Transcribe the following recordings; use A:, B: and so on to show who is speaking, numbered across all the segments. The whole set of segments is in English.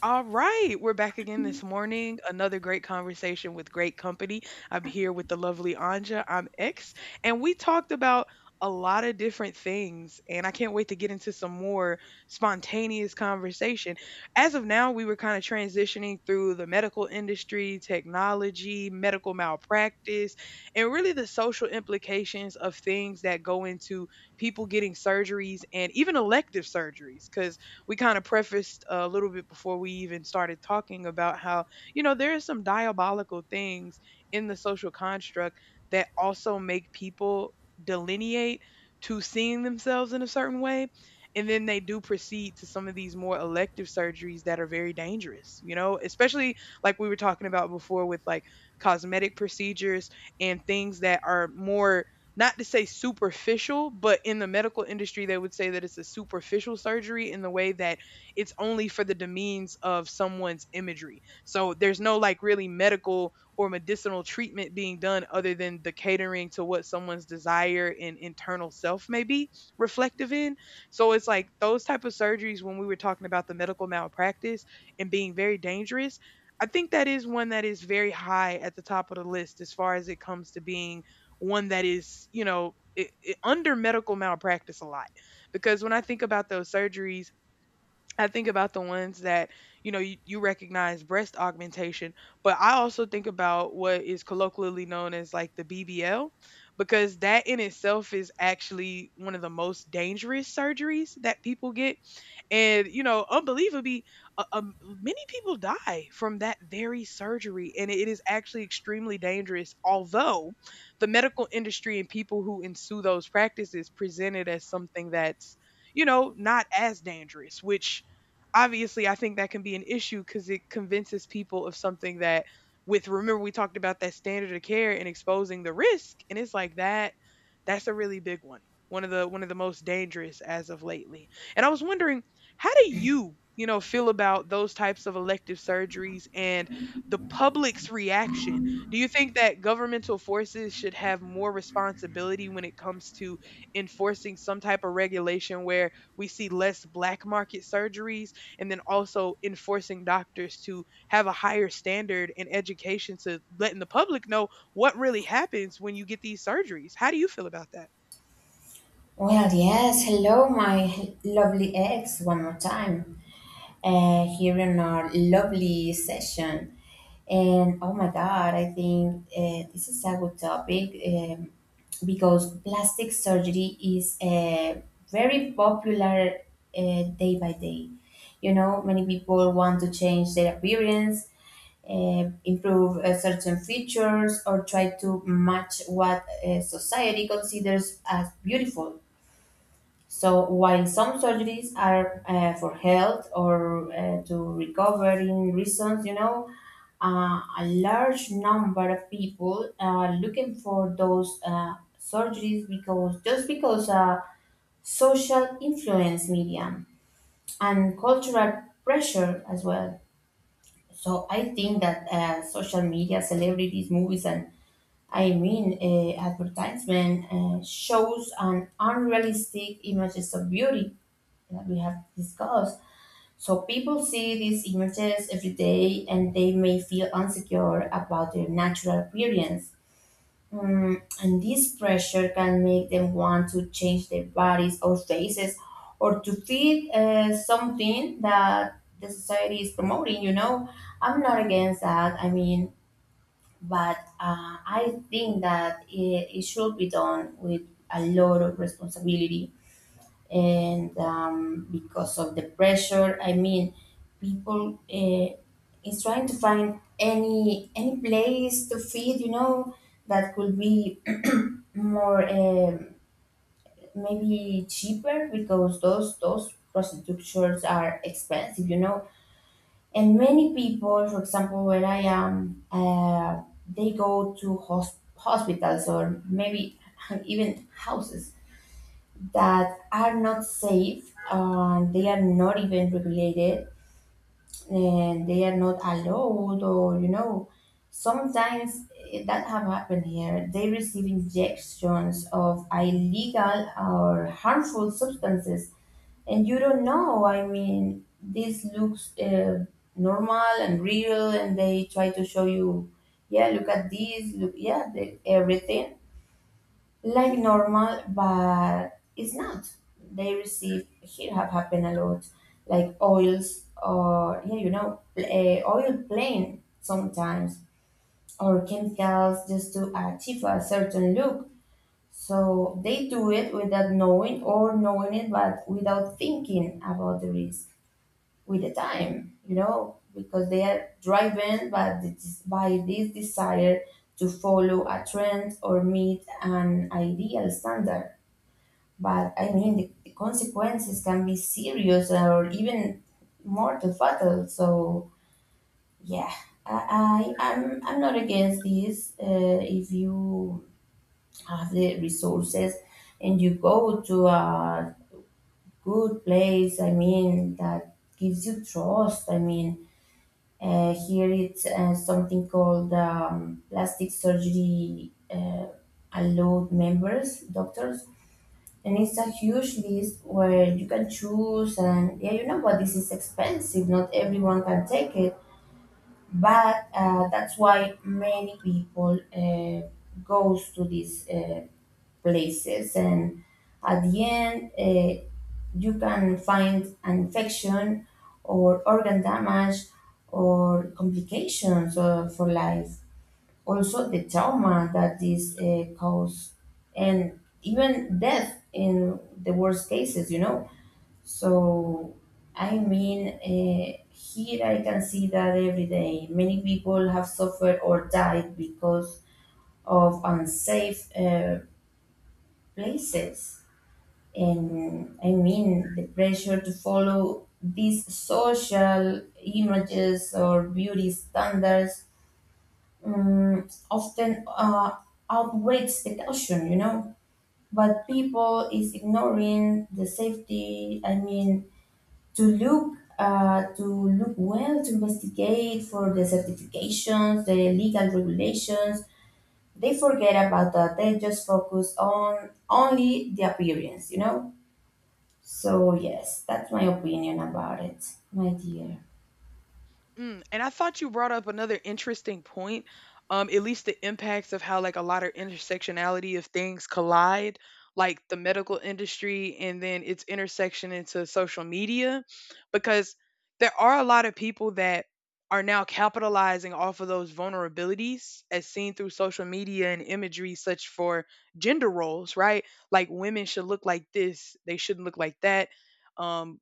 A: All right, we're back again this morning. Another great conversation with great company. I'm here with the lovely Anja. I'm X, and we talked about a lot of different things, and I can't wait to get into some more spontaneous conversation. As of now, we were kind of transitioning through the medical industry, technology, medical malpractice, and really the social implications of things that go into people getting surgeries and even elective surgeries. Because we kind of prefaced a little bit before we even started talking about how, you know, there are some diabolical things in the social construct that also make people delineate to seeing themselves in a certain way. And then they do proceed to some of these more elective surgeries that are very dangerous, you know, especially like we were talking about before with like cosmetic procedures and things that are more not to say superficial, but in the medical industry, they would say that it's a superficial surgery in the way that it's only for the demeans of someone's imagery. So there's no like really medical or medicinal treatment being done other than the catering to what someone's desire and internal self may be reflective in. So it's like those type of surgeries when we were talking about the medical malpractice and being very dangerous. I think that is one that is very high at the top of the list as far as it comes to being one that is, you know, I under medical malpractice a lot because when I think about those surgeries I think about the ones that, you know, you recognize breast augmentation, but I also think about what is colloquially known as like the BBL, because that in itself is actually one of the most dangerous surgeries that people get. And, you know, unbelievably, many people die from that very surgery. And it is actually extremely dangerous, although the medical industry and people who ensue those practices present it as something that's, you know, not as dangerous, which obviously I think that can be an issue because it convinces people of something that with remember we talked about that standard of care and exposing the risk, and it's like that that's a really big one, one of the most dangerous as of lately. And I was wondering, how do you know feel about those types of elective surgeries and the public's reaction? Do you think that governmental forces should have more responsibility when it comes to enforcing some type of regulation where we see less black market surgeries, and then also enforcing doctors to have a higher standard in education to letting the public know what really happens when you get these surgeries. How do you feel about that?
B: Well, yes. Hello, my lovely ex, one more time here in our lovely session. And oh my God, I think this is a good topic because plastic surgery is very popular day by day. You know, many people want to change their appearance, improve certain features, or try to match what society considers as beautiful so while some surgeries are for health or to recovering reasons, you know, a large number of people are looking for those surgeries because just because social influence media and cultural pressure as well. So I think that social media, celebrities, movies, and I mean advertisement shows an unrealistic images of beauty that we have discussed. So people see these images every day and they may feel insecure about their natural appearance. Mm, and this pressure can make them want to change their bodies or faces or to fit something that the society is promoting, you know. I'm not against that, I mean, but I think that it should be done with a lot of responsibility and because of the pressure, I mean people is trying to find any place to feed, you know, that could be more maybe cheaper because those prostitutes are expensive, you know, and many people, for example where I am, they go to hospitals or maybe even houses that are not safe and they are not even regulated and they are not allowed, or you know, sometimes that have happened here, they receive injections of illegal or harmful substances and you don't know, I mean this looks normal and real and they try to show you, yeah, look at this, look, yeah, the, everything like normal, but it's not. They receive here, have happened a lot, like oils or yeah, you know, oil plain sometimes or chemicals just to achieve a certain look. So they do it without knowing or knowing it, but without thinking about the risk with the time, you know, because they are driven by this desire to follow a trend or meet an ideal standard. But I mean, the consequences can be serious or even mortal fatal. So yeah, I'm not against this. If you have the resources and you go to a good place, I mean that gives you trust, I mean. Here it's something called plastic surgery allowed members, doctors, and it's a huge list where you can choose, and yeah, you know what, this is expensive, not everyone can take it, but that's why many people goes to these places and at the end you can find an infection or organ damage or complications for life, also the trauma that this cause, and even death in the worst cases, you know. So I mean, here I can see that every day many people have suffered or died because of unsafe places, and I mean the pressure to follow these social images or beauty standards often outweighs the caution, you know. But people is ignoring the safety. I mean, to look well, to investigate for the certifications, the legal regulations. They forget about that. They just focus on only the appearance, you know. So yes, that's my opinion about it, my dear.
A: Mm, and I thought you brought up another interesting point, at least the impacts of how like a lot of intersectionality of things collide, like the medical industry and then its intersection into social media, because there are a lot of people that are now capitalizing off of those vulnerabilities as seen through social media and imagery such for gender roles, right? Like women should look like this, they shouldn't look like that. Um,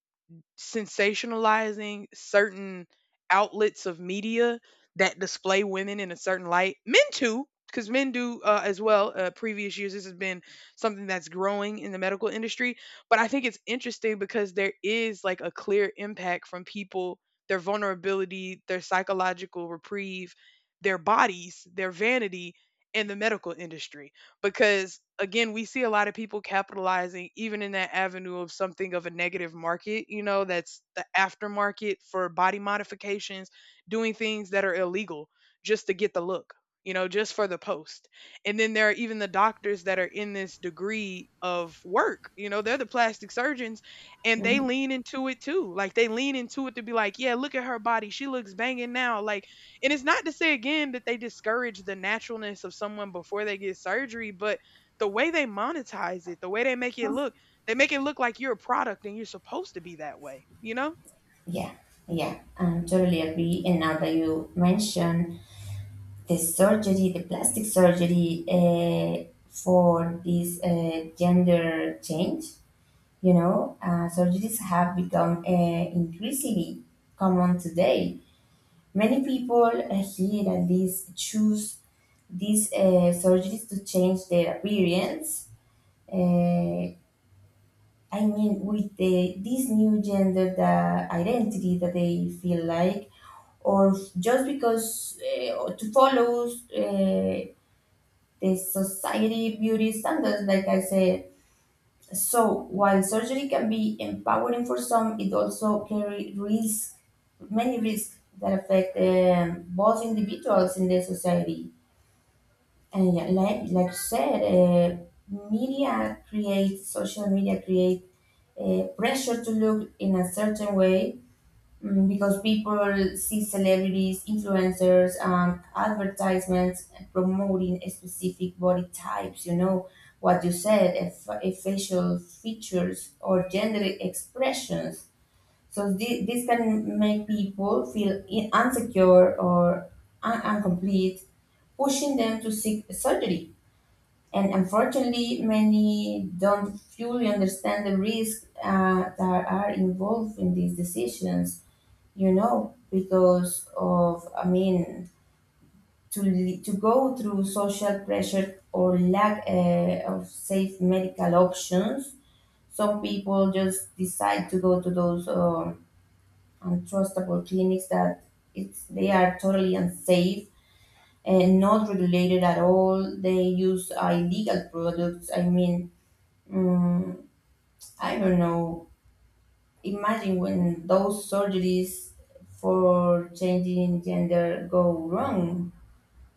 A: sensationalizing certain outlets of media that display women in a certain light. Men too, because men do as well. Previous years, this has been something that's growing in the medical industry. But I think it's interesting because there is like a clear impact from people, their vulnerability, their psychological reprieve, their bodies, their vanity, and the medical industry, because again we see a lot of people capitalizing even in that avenue of something of a negative market, you know, that's the aftermarket for body modifications, doing things that are illegal just to get the look, you know, just for the post. And then there are even the doctors that are in this degree of work, you know, they're the plastic surgeons, and they
B: Mhm.
A: lean into it too, like they lean into it to be like, yeah, look at her body, she looks banging now, like, and it's not to say again that they discourage the naturalness of someone before they get surgery, but the way they monetize it, the way they make it look, they make it look like you're a product and you're supposed to be that way, you know?
B: Yeah, yeah, I totally agree. And now that you mention the surgery, the plastic surgery for this gender change. You know, surgeries have become increasingly common today. Many people here at least choose these surgeries to change their appearance. Uh, I mean, with this new gender the identity that they feel like, or just because to follow uh, the society beauty standards, like I said. So while surgery can be empowering for some, it also carry risk, many risks that affect both individuals in the society. And yeah, like you said, media creates social media create pressure to look in a certain way. Mm, because people see celebrities, influencers, and advertisements promoting specific body types. You know what you said, if facial features or gender expressions. So this can make people feel insecure or incomplete, pushing them to seek surgery. And unfortunately, many don't fully understand the risks that are involved in these decisions, you know, because of, I mean, to, to go through social pressure or lack of safe medical options, some people just decide to go to those untrustable clinics that it's, they are totally unsafe and not regulated at all. They use illegal products. I mean, mm, I don't know. Imagine when those surgeries for changing gender go wrong.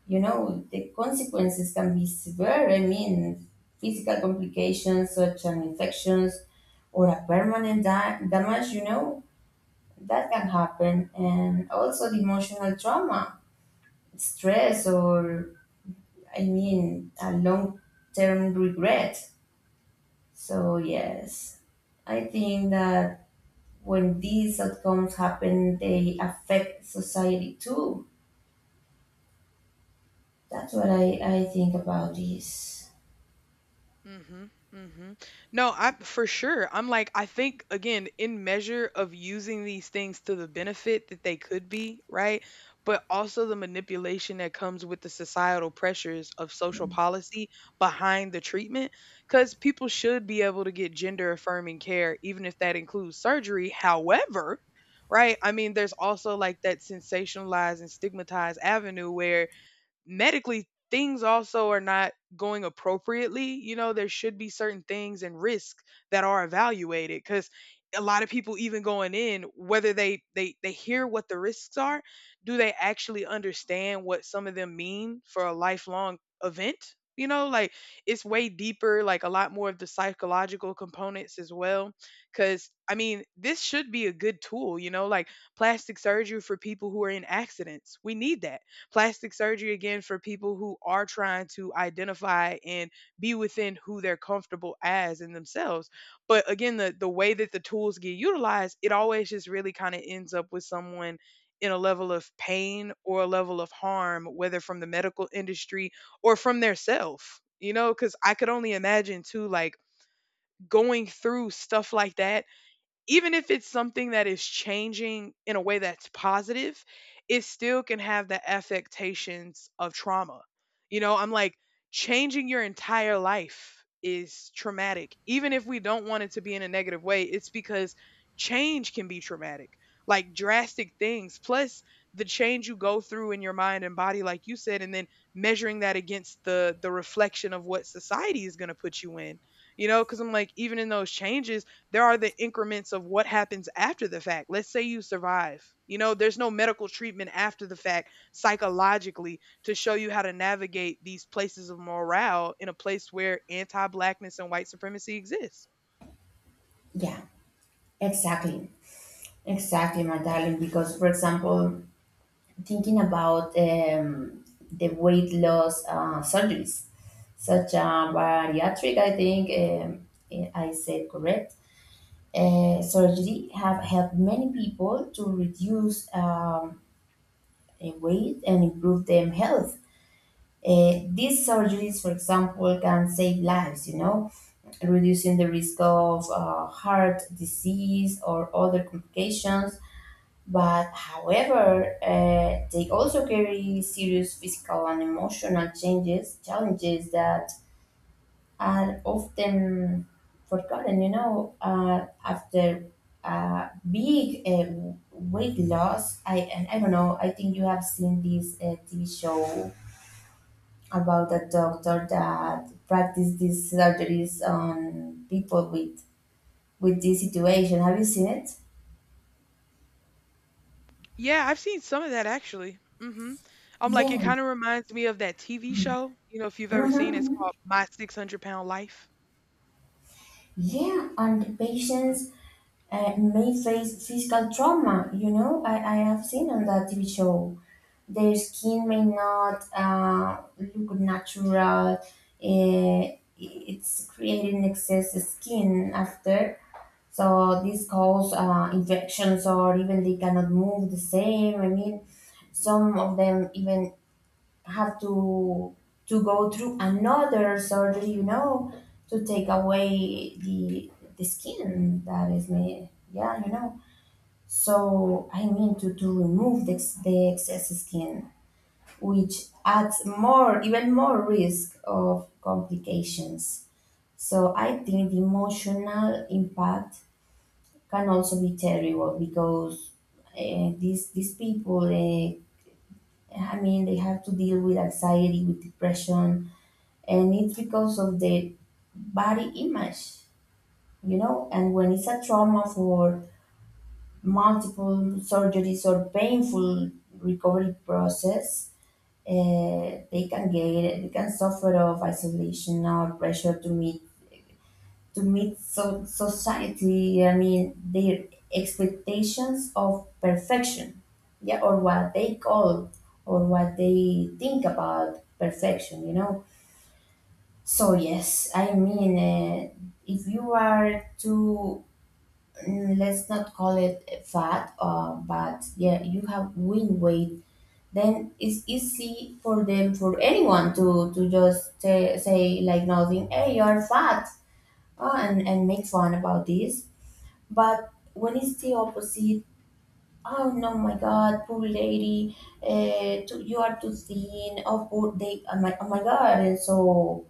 B: You know, the consequences can be severe. I mean, physical complications such as infections or a permanent damage, you know, that can happen. And also the emotional trauma, stress, or I mean, a long term regret. So, yes, I think that when these outcomes happen, they affect society too. That's what I think about this.
A: Mhm, mhm. No, I for sure. I'm like, I think again, in measure of using these things to the benefit that they could be, right? But also the manipulation that comes with the societal pressures of social policy behind the treatment, because people should be able to get gender affirming care, even if that includes surgery. However, right? I mean, there's also like that sensationalized and stigmatized avenue where medically things also are not going appropriately. You know, there should be certain things and risk that are evaluated because a lot of people even going in, whether they hear what the risks are, do they actually understand what some of them mean for a lifelong event? You know, like, it's way deeper, like a lot more of the psychological components as well. Because I mean, this should be a good tool, you know, like plastic surgery for people who are in accidents, we need that. Plastic surgery again for people who are trying to identify and be within who they're comfortable as in themselves. But again, the way that the tools get utilized, it always just really kind of ends up with someone in a level of pain or a level of harm, whether from the medical industry or from their self. You know, because I could only imagine too, like going through stuff like that, even if it's something that is changing in a way that's positive, it still can have the affectations of trauma. You know, I'm like, changing your entire life is traumatic. Even if we don't want it to be in a negative way, it's because change can be traumatic, like drastic things, plus the change you go through in your mind and body, like you said, and then measuring that against the reflection of what society is gonna put you in. You know, because I'm like, even in those changes, there are the increments of what happens after the fact. Let's say you survive. You know, there's no medical treatment after the fact psychologically to show you how to navigate these places of morale in a place where anti blackness and white supremacy exists.
B: Yeah, exactly. Exactly, my darling. Because, for example, thinking about the weight loss surgeries, such as bariatric, I think I said correct, surgery have helped many people to reduce weight and improve their health. These surgeries, for example, can save lives, you know, reducing the risk of heart disease or other complications. But however, they also carry serious physical and emotional changes, challenges that are often forgotten, you know, after big weight loss. And I don't know, I think you have seen this TV show about a doctor that practiced these surgeries on people with this situation. Have you seen it?
A: Yeah, I've seen some of that actually. Hmm. I'm like, it
B: Yeah.
A: kind of reminds me of that TV show. You know, if you've ever seen it, it's
B: Mm-hmm.
A: called My 600 Pound Life.
B: Yeah, and the patients may face physical trauma. You know, I have seen on that TV show. Their skin may not look natural. Uh, it's creating excess skin after. So this cause infections, or even they cannot move the same. I mean, some of them even have to go through another surgery, you know, to take away the skin that is made. Yeah, you know. So I mean to remove the, the excess skin, which adds more, even more risk of complications. So I think the emotional impact can also be terrible because these people I mean, they have to deal with anxiety, with depression, and it's because of the body image, you know. And when it's a trauma for multiple surgeries or painful recovery process, uh, they can get they can suffer of isolation or pressure to meet society, I mean, their expectations of perfection, yeah, or what they call or what they think about perfection, you know. So, yes, I mean, if you are too, mm, let's not call it fat, but yeah, you have win weight. Then it's easy for them, for anyone to just say like nothing, hey, you're fat, and make fun about this, but when it's the opposite, oh no, my God, poor lady, too, you are too thin. Oh, poor they, oh my, oh my God, and so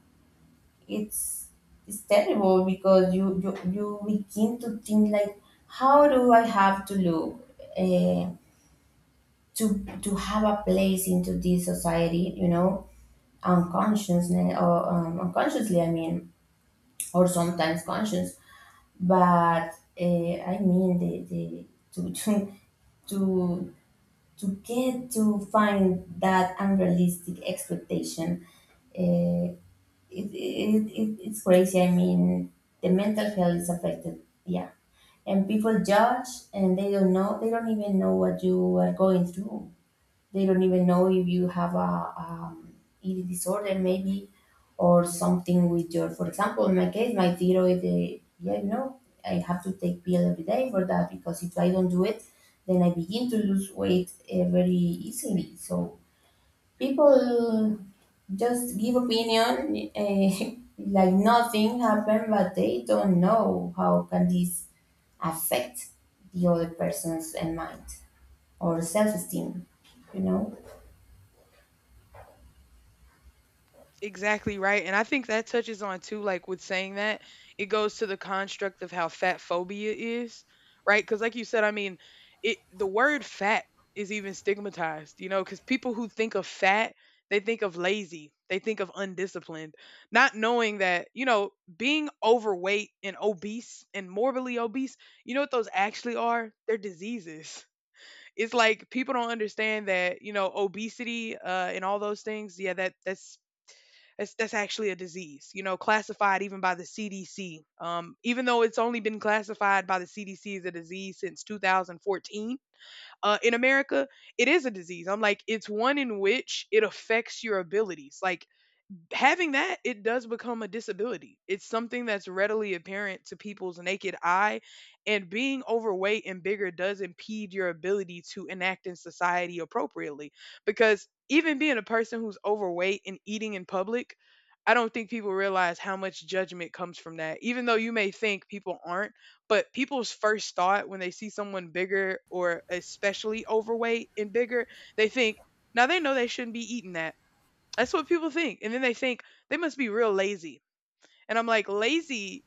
B: it's it's terrible because you begin to think like, how do I have to look uh, to have a place into this society? You know, unconsciousness or unconsciously, I mean, or sometimes conscious, but I mean the to, to to to get to find that unrealistic expectation. Uh, it's crazy. I mean, the mental health is affected. Yeah, and people judge, and they don't know. They don't even know what you are going through. They don't even know if you have a eating disorder, maybe, or something with your. For example, in my case, my thyroid. Yeah, you know, I have to take pill every day for that because if I don't do it, then I begin to lose weight very easily. So people just give opinion like nothing happened, but they don't know how can this affect the other person's and mind or self-esteem, you know.
A: Exactly right. And I think that touches on too, like with saying that, it goes to the construct of how fat phobia is, right? Because like you said, I mean, it the word fat is even stigmatized, you know, because people who think of fat, they think of lazy, they think of undisciplined, not knowing that, you know, being overweight and obese and morbidly obese, you know what those actually are? They're diseases. It's like people don't understand that, you know, obesity and all those things, yeah, that's it's, that's actually a disease, you know, classified even by the CDC. Even though it's only been classified by the CDC as a disease since 2014, in America, it is a disease. I'm like, it's one in which it affects your abilities. Like, having that, it does become a disability. It's something that's readily apparent to people's naked eye, and being overweight and bigger does impede your ability to enact in society appropriately, because even being a person who's overweight and eating in public, I don't think people realize how much judgment comes from that, even though you may think people aren't. But people's first thought when they see someone bigger, or especially overweight and bigger, they think, now they know they shouldn't be eating that. That's what people think. And then they think they must be real lazy. And I'm like, lazy,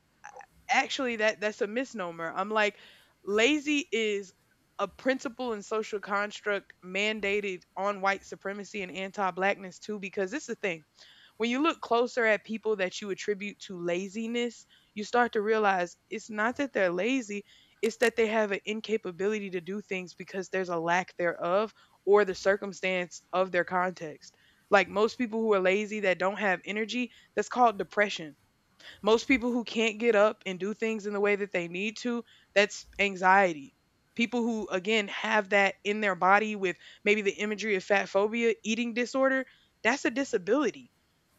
A: actually that's a misnomer. I'm like, lazy is a principle and social construct mandated on white supremacy and anti-blackness too, because it's a thing, when you look closer at people that you attribute to laziness, you start to realize it's not that they're lazy, it's that they have an incapability to do things because there's a lack thereof or the circumstance of their context. Like most people who are lazy that don't have energy, that's called depression. Most people who can't get up and do things in the way that they need to, that's anxiety. People who, again, have that in their body with maybe the imagery of fat phobia, eating disorder, that's a disability.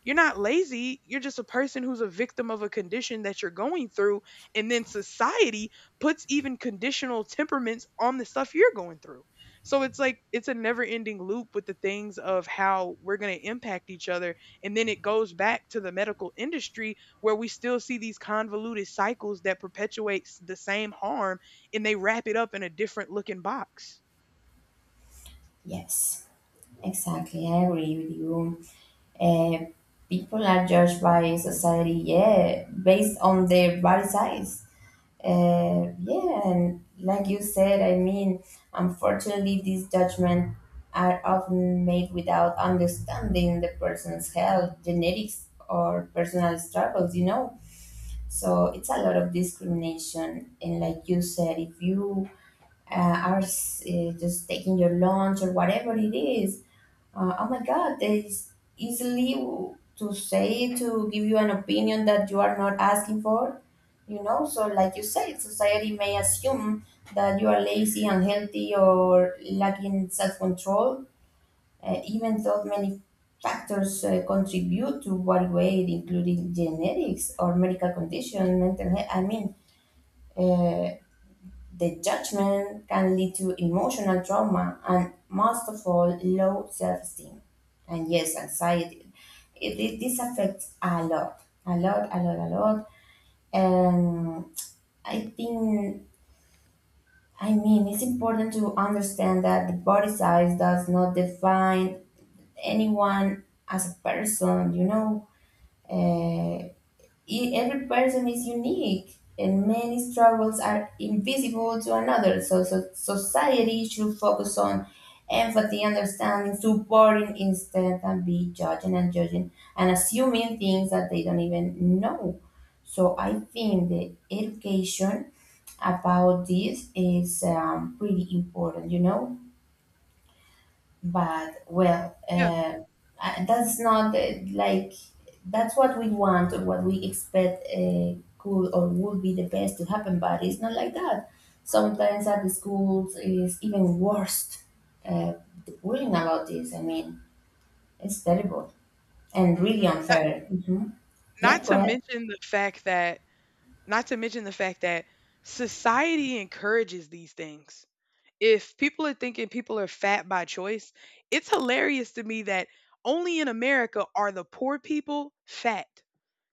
A: You're not lazy. You're just a person who's a victim of a condition that you're going through. And then society puts even conditional temperaments on the stuff you're going through. So it's like, it's a never ending loop with the things of how we're going to impact each other. And then it goes back to the medical industry where we still see these convoluted cycles that perpetuates the same harm, and they wrap it up in a different looking box.
B: Yes, exactly. I agree with you. Uh, People are judged by society, yeah, based on their body size. Yeah, and like you said, I mean, unfortunately, these judgments are often made without understanding the person's health, genetics, or personal struggles, you know? So it's a lot of discrimination. And like you said, if you are just taking your lunch or whatever it is, oh my God, it's easily to say to give you an opinion that you are not asking for. You know, so like you said, society may assume that you are lazy, unhealthy, or lacking self control, even though many factors contribute to body weight, including genetics or medical condition, mental health. I mean, uh, the judgment can lead to emotional trauma and, most of all, low self esteem. And yes, anxiety. This affects a lot, a lot, a lot, a lot. And I think, I mean, it's important to understand that the body size does not define anyone as a person, you know. Eh, every person is unique and many struggles are invisible to another, so society should focus on empathy, understanding, supporting instead than be judging and judging and assuming things that they don't even know. So I think the education about this is pretty important. but well
A: Yeah.
B: uh, uh, that's not like that's what we want or what we expect could or would be the best to happen, but it's not like that. Sometimes at the schools is even worse. uh, the bullying about this, I mean, it's terrible and really
A: Not,
B: unfair. Hmm. Yeah,
A: not
B: go
A: to
B: ahead.
A: mention the fact that, not to mention the fact that society encourages these things. If people are thinking people are fat by choice, it's hilarious to me that only in America are the poor people fat.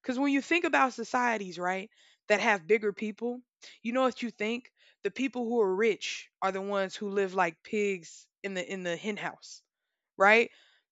A: Because when you think about societies, right, that have bigger people, you know what you think? The people who are rich are the ones who live like pigs in the hen house, right?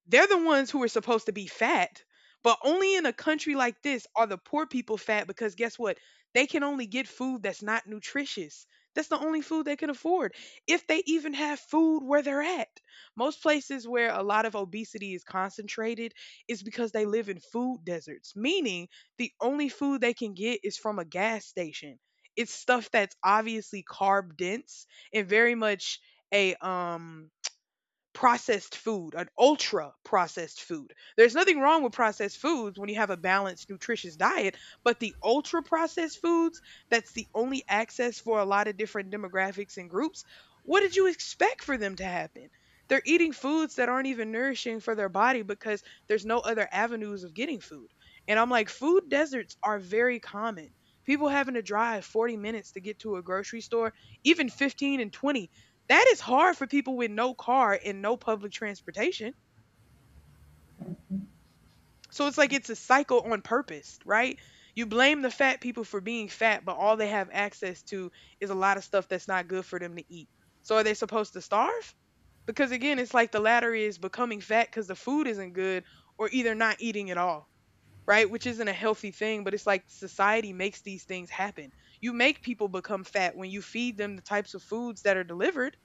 A: They're the ones who are supposed to be fat. But only in a country like this are the poor people fat because guess what? They can only get food that's not nutritious. That's the only food they can afford, if they even have food where they're at. Most places where a lot of obesity is concentrated is because they live in food deserts, meaning the only food they can get is from a gas station. It's stuff that's obviously carb dense and very much a processed food, an ultra processed food. There's nothing wrong with processed foods when you have a balanced, nutritious diet, but the ultra processed foods, that's the only access for a lot of different demographics and groups. What did you expect for them to happen? They're eating foods that aren't even nourishing for their body because there's no other avenues of getting food. And I'm like, food deserts are very common. People having to drive 40 minutes to get to a grocery store, even 15 and 20, that is hard for people with no car and no public transportation. So it's like, it's a cycle on purpose, right? You blame the fat people for being fat, but all they have access to is a lot of stuff that's not good for them to eat. So are they supposed to starve? Because again, it's like the latter is becoming fat because the food isn't good, or either not eating at all, right? Which isn't a healthy thing, but it's like society makes these things happen. You make people become fat when you feed them the types of foods that are delivered.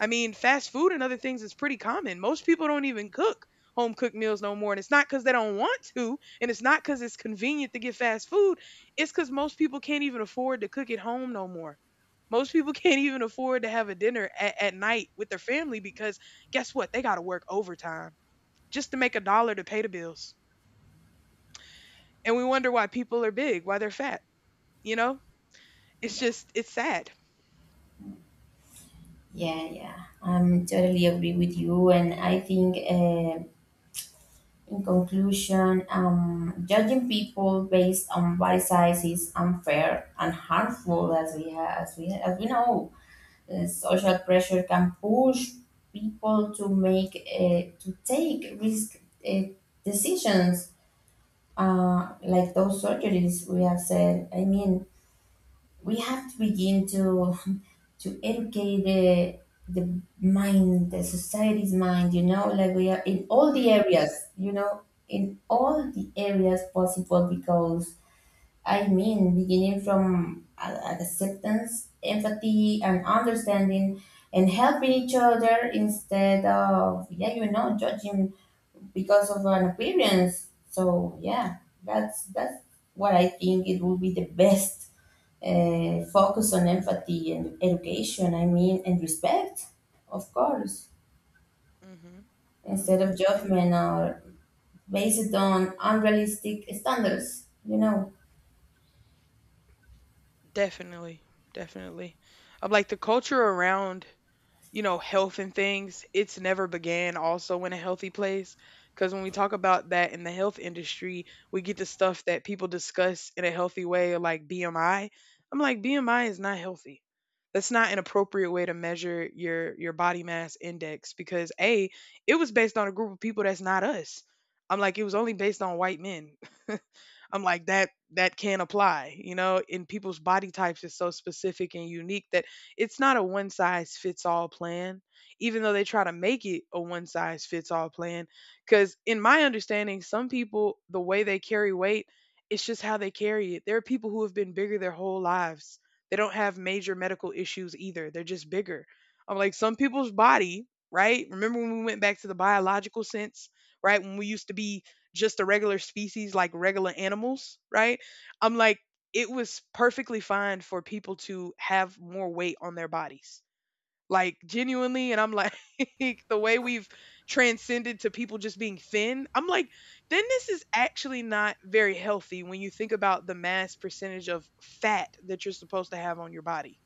A: I mean, fast food and other things is pretty common. Most people don't even cook home cooked meals no more. And it's not because they don't want to, and it's not because it's convenient to get fast food. It's because most people can't even afford to cook at home no more. Most people can't even afford to have a dinner at night with their family because guess what? They got to work overtime just to make a dollar to pay the bills. And we wonder why people are big, why they're fat. You know, it's just, it's sad.
B: Yeah, yeah, I'm totally agree with you, and I think, in conclusion, judging people based on body size is unfair and harmful, as we know. Social pressure can push people to make to take risk uh, decisions, like those surgeries we have said. I mean, we have to begin to educate the mind, the society's mind, you know, like we are in all
A: Mhm.
B: the areas, you know, in all the areas possible. Because I mean, beginning from acceptance, empathy, and understanding, and helping each other instead of, yeah, you know, judging because of an appearance. So yeah, that's what I think it will be the best. Focus on empathy and education, I mean, and respect, of course,
A: Mhm.
B: instead
A: Mhm.
B: of judgment or based on unrealistic standards, you know.
A: Definitely. Definitely. I'm like, the culture around, you know, health and things, it's never began also in a healthy place. Because when we talk about that in the health industry, we get the stuff that people discuss in a healthy way, like BMI. I'm like, BMI is not healthy. That's not an appropriate way to measure your body mass index because a, it was based on a group of people that's not us. I'm like, it was only based on white men. I'm like, that can't apply, you know, and people's body types is so specific and unique that it's not a one size fits all plan, even though they try to make it a one size fits all plan. Cause in my understanding, some people, the way they carry weight, it's just how they carry it. There are people who have been bigger their whole lives. They don't have major medical issues either. They're just bigger. I'm like, some people's body, right? Remember when we went back to the biological sense, right? When we used to be just a regular species, like regular animals, right? I'm like, it was perfectly fine for people to have more weight on their bodies. Like genuinely, and I'm like the way we've transcended to people just being thin. I'm like, then this is actually not very healthy when you think about the mass percentage of fat that you're supposed to have on your body.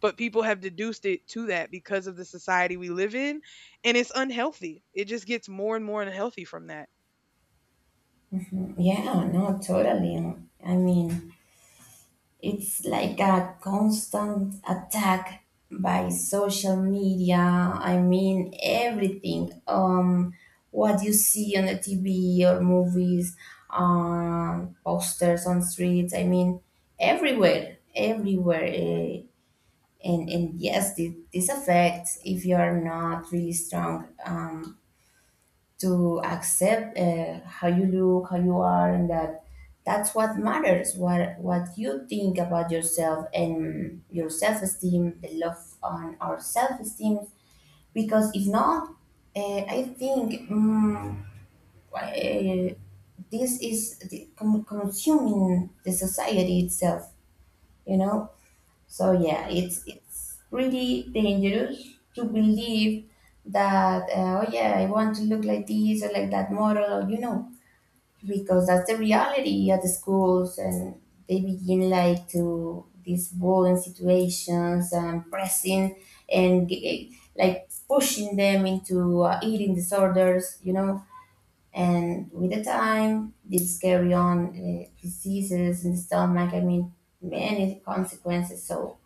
A: But people have deduced it to that because of the society we live in, and it's unhealthy. It just gets more and more unhealthy from that.
B: Mhm. Yeah, no, totally. I mean, it's like a constant attack by social media. I mean, everything. What you see on the TV or movies, posters on streets. I mean, everywhere, everywhere. And yes, this affects if you are not really strong. Um, to accept how you look, how you are, and that that's what matters. What you think about yourself and your self esteem, the love on our self esteem. Because if not, I think uh, this is consuming the society itself. You know. So yeah,
A: Mm.
B: it's really dangerous to believe that oh yeah, I want to look like this or like that model. Or, you know, because that's the reality at the schools, and they begin like to these bullying situations and pressing and like pushing them into eating disorders, you know. And with the time these carry on diseases in the stomach, I mean, many consequences. So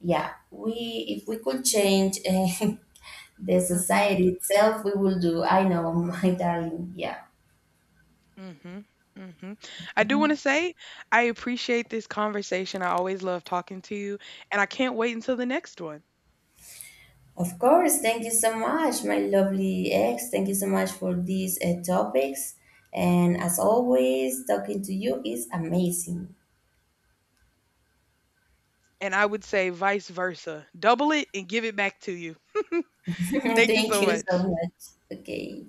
B: yeah, we, if we could change the
A: Mm-hmm.
B: society itself, we will do, I know. My darling, yeah.
A: Mm-hmm. Mm-hmm. I do want to say, I appreciate this conversation. I always love talking to you, and I can't wait until the next one.
B: Of course, thank you so much, my lovely ex. Thank you so much for these topics. And as always, talking to you is amazing.
A: And I would say vice versa. Double it and give it back to you. Thank you
B: Thank
A: so
B: you so
A: much.
B: much. Okay.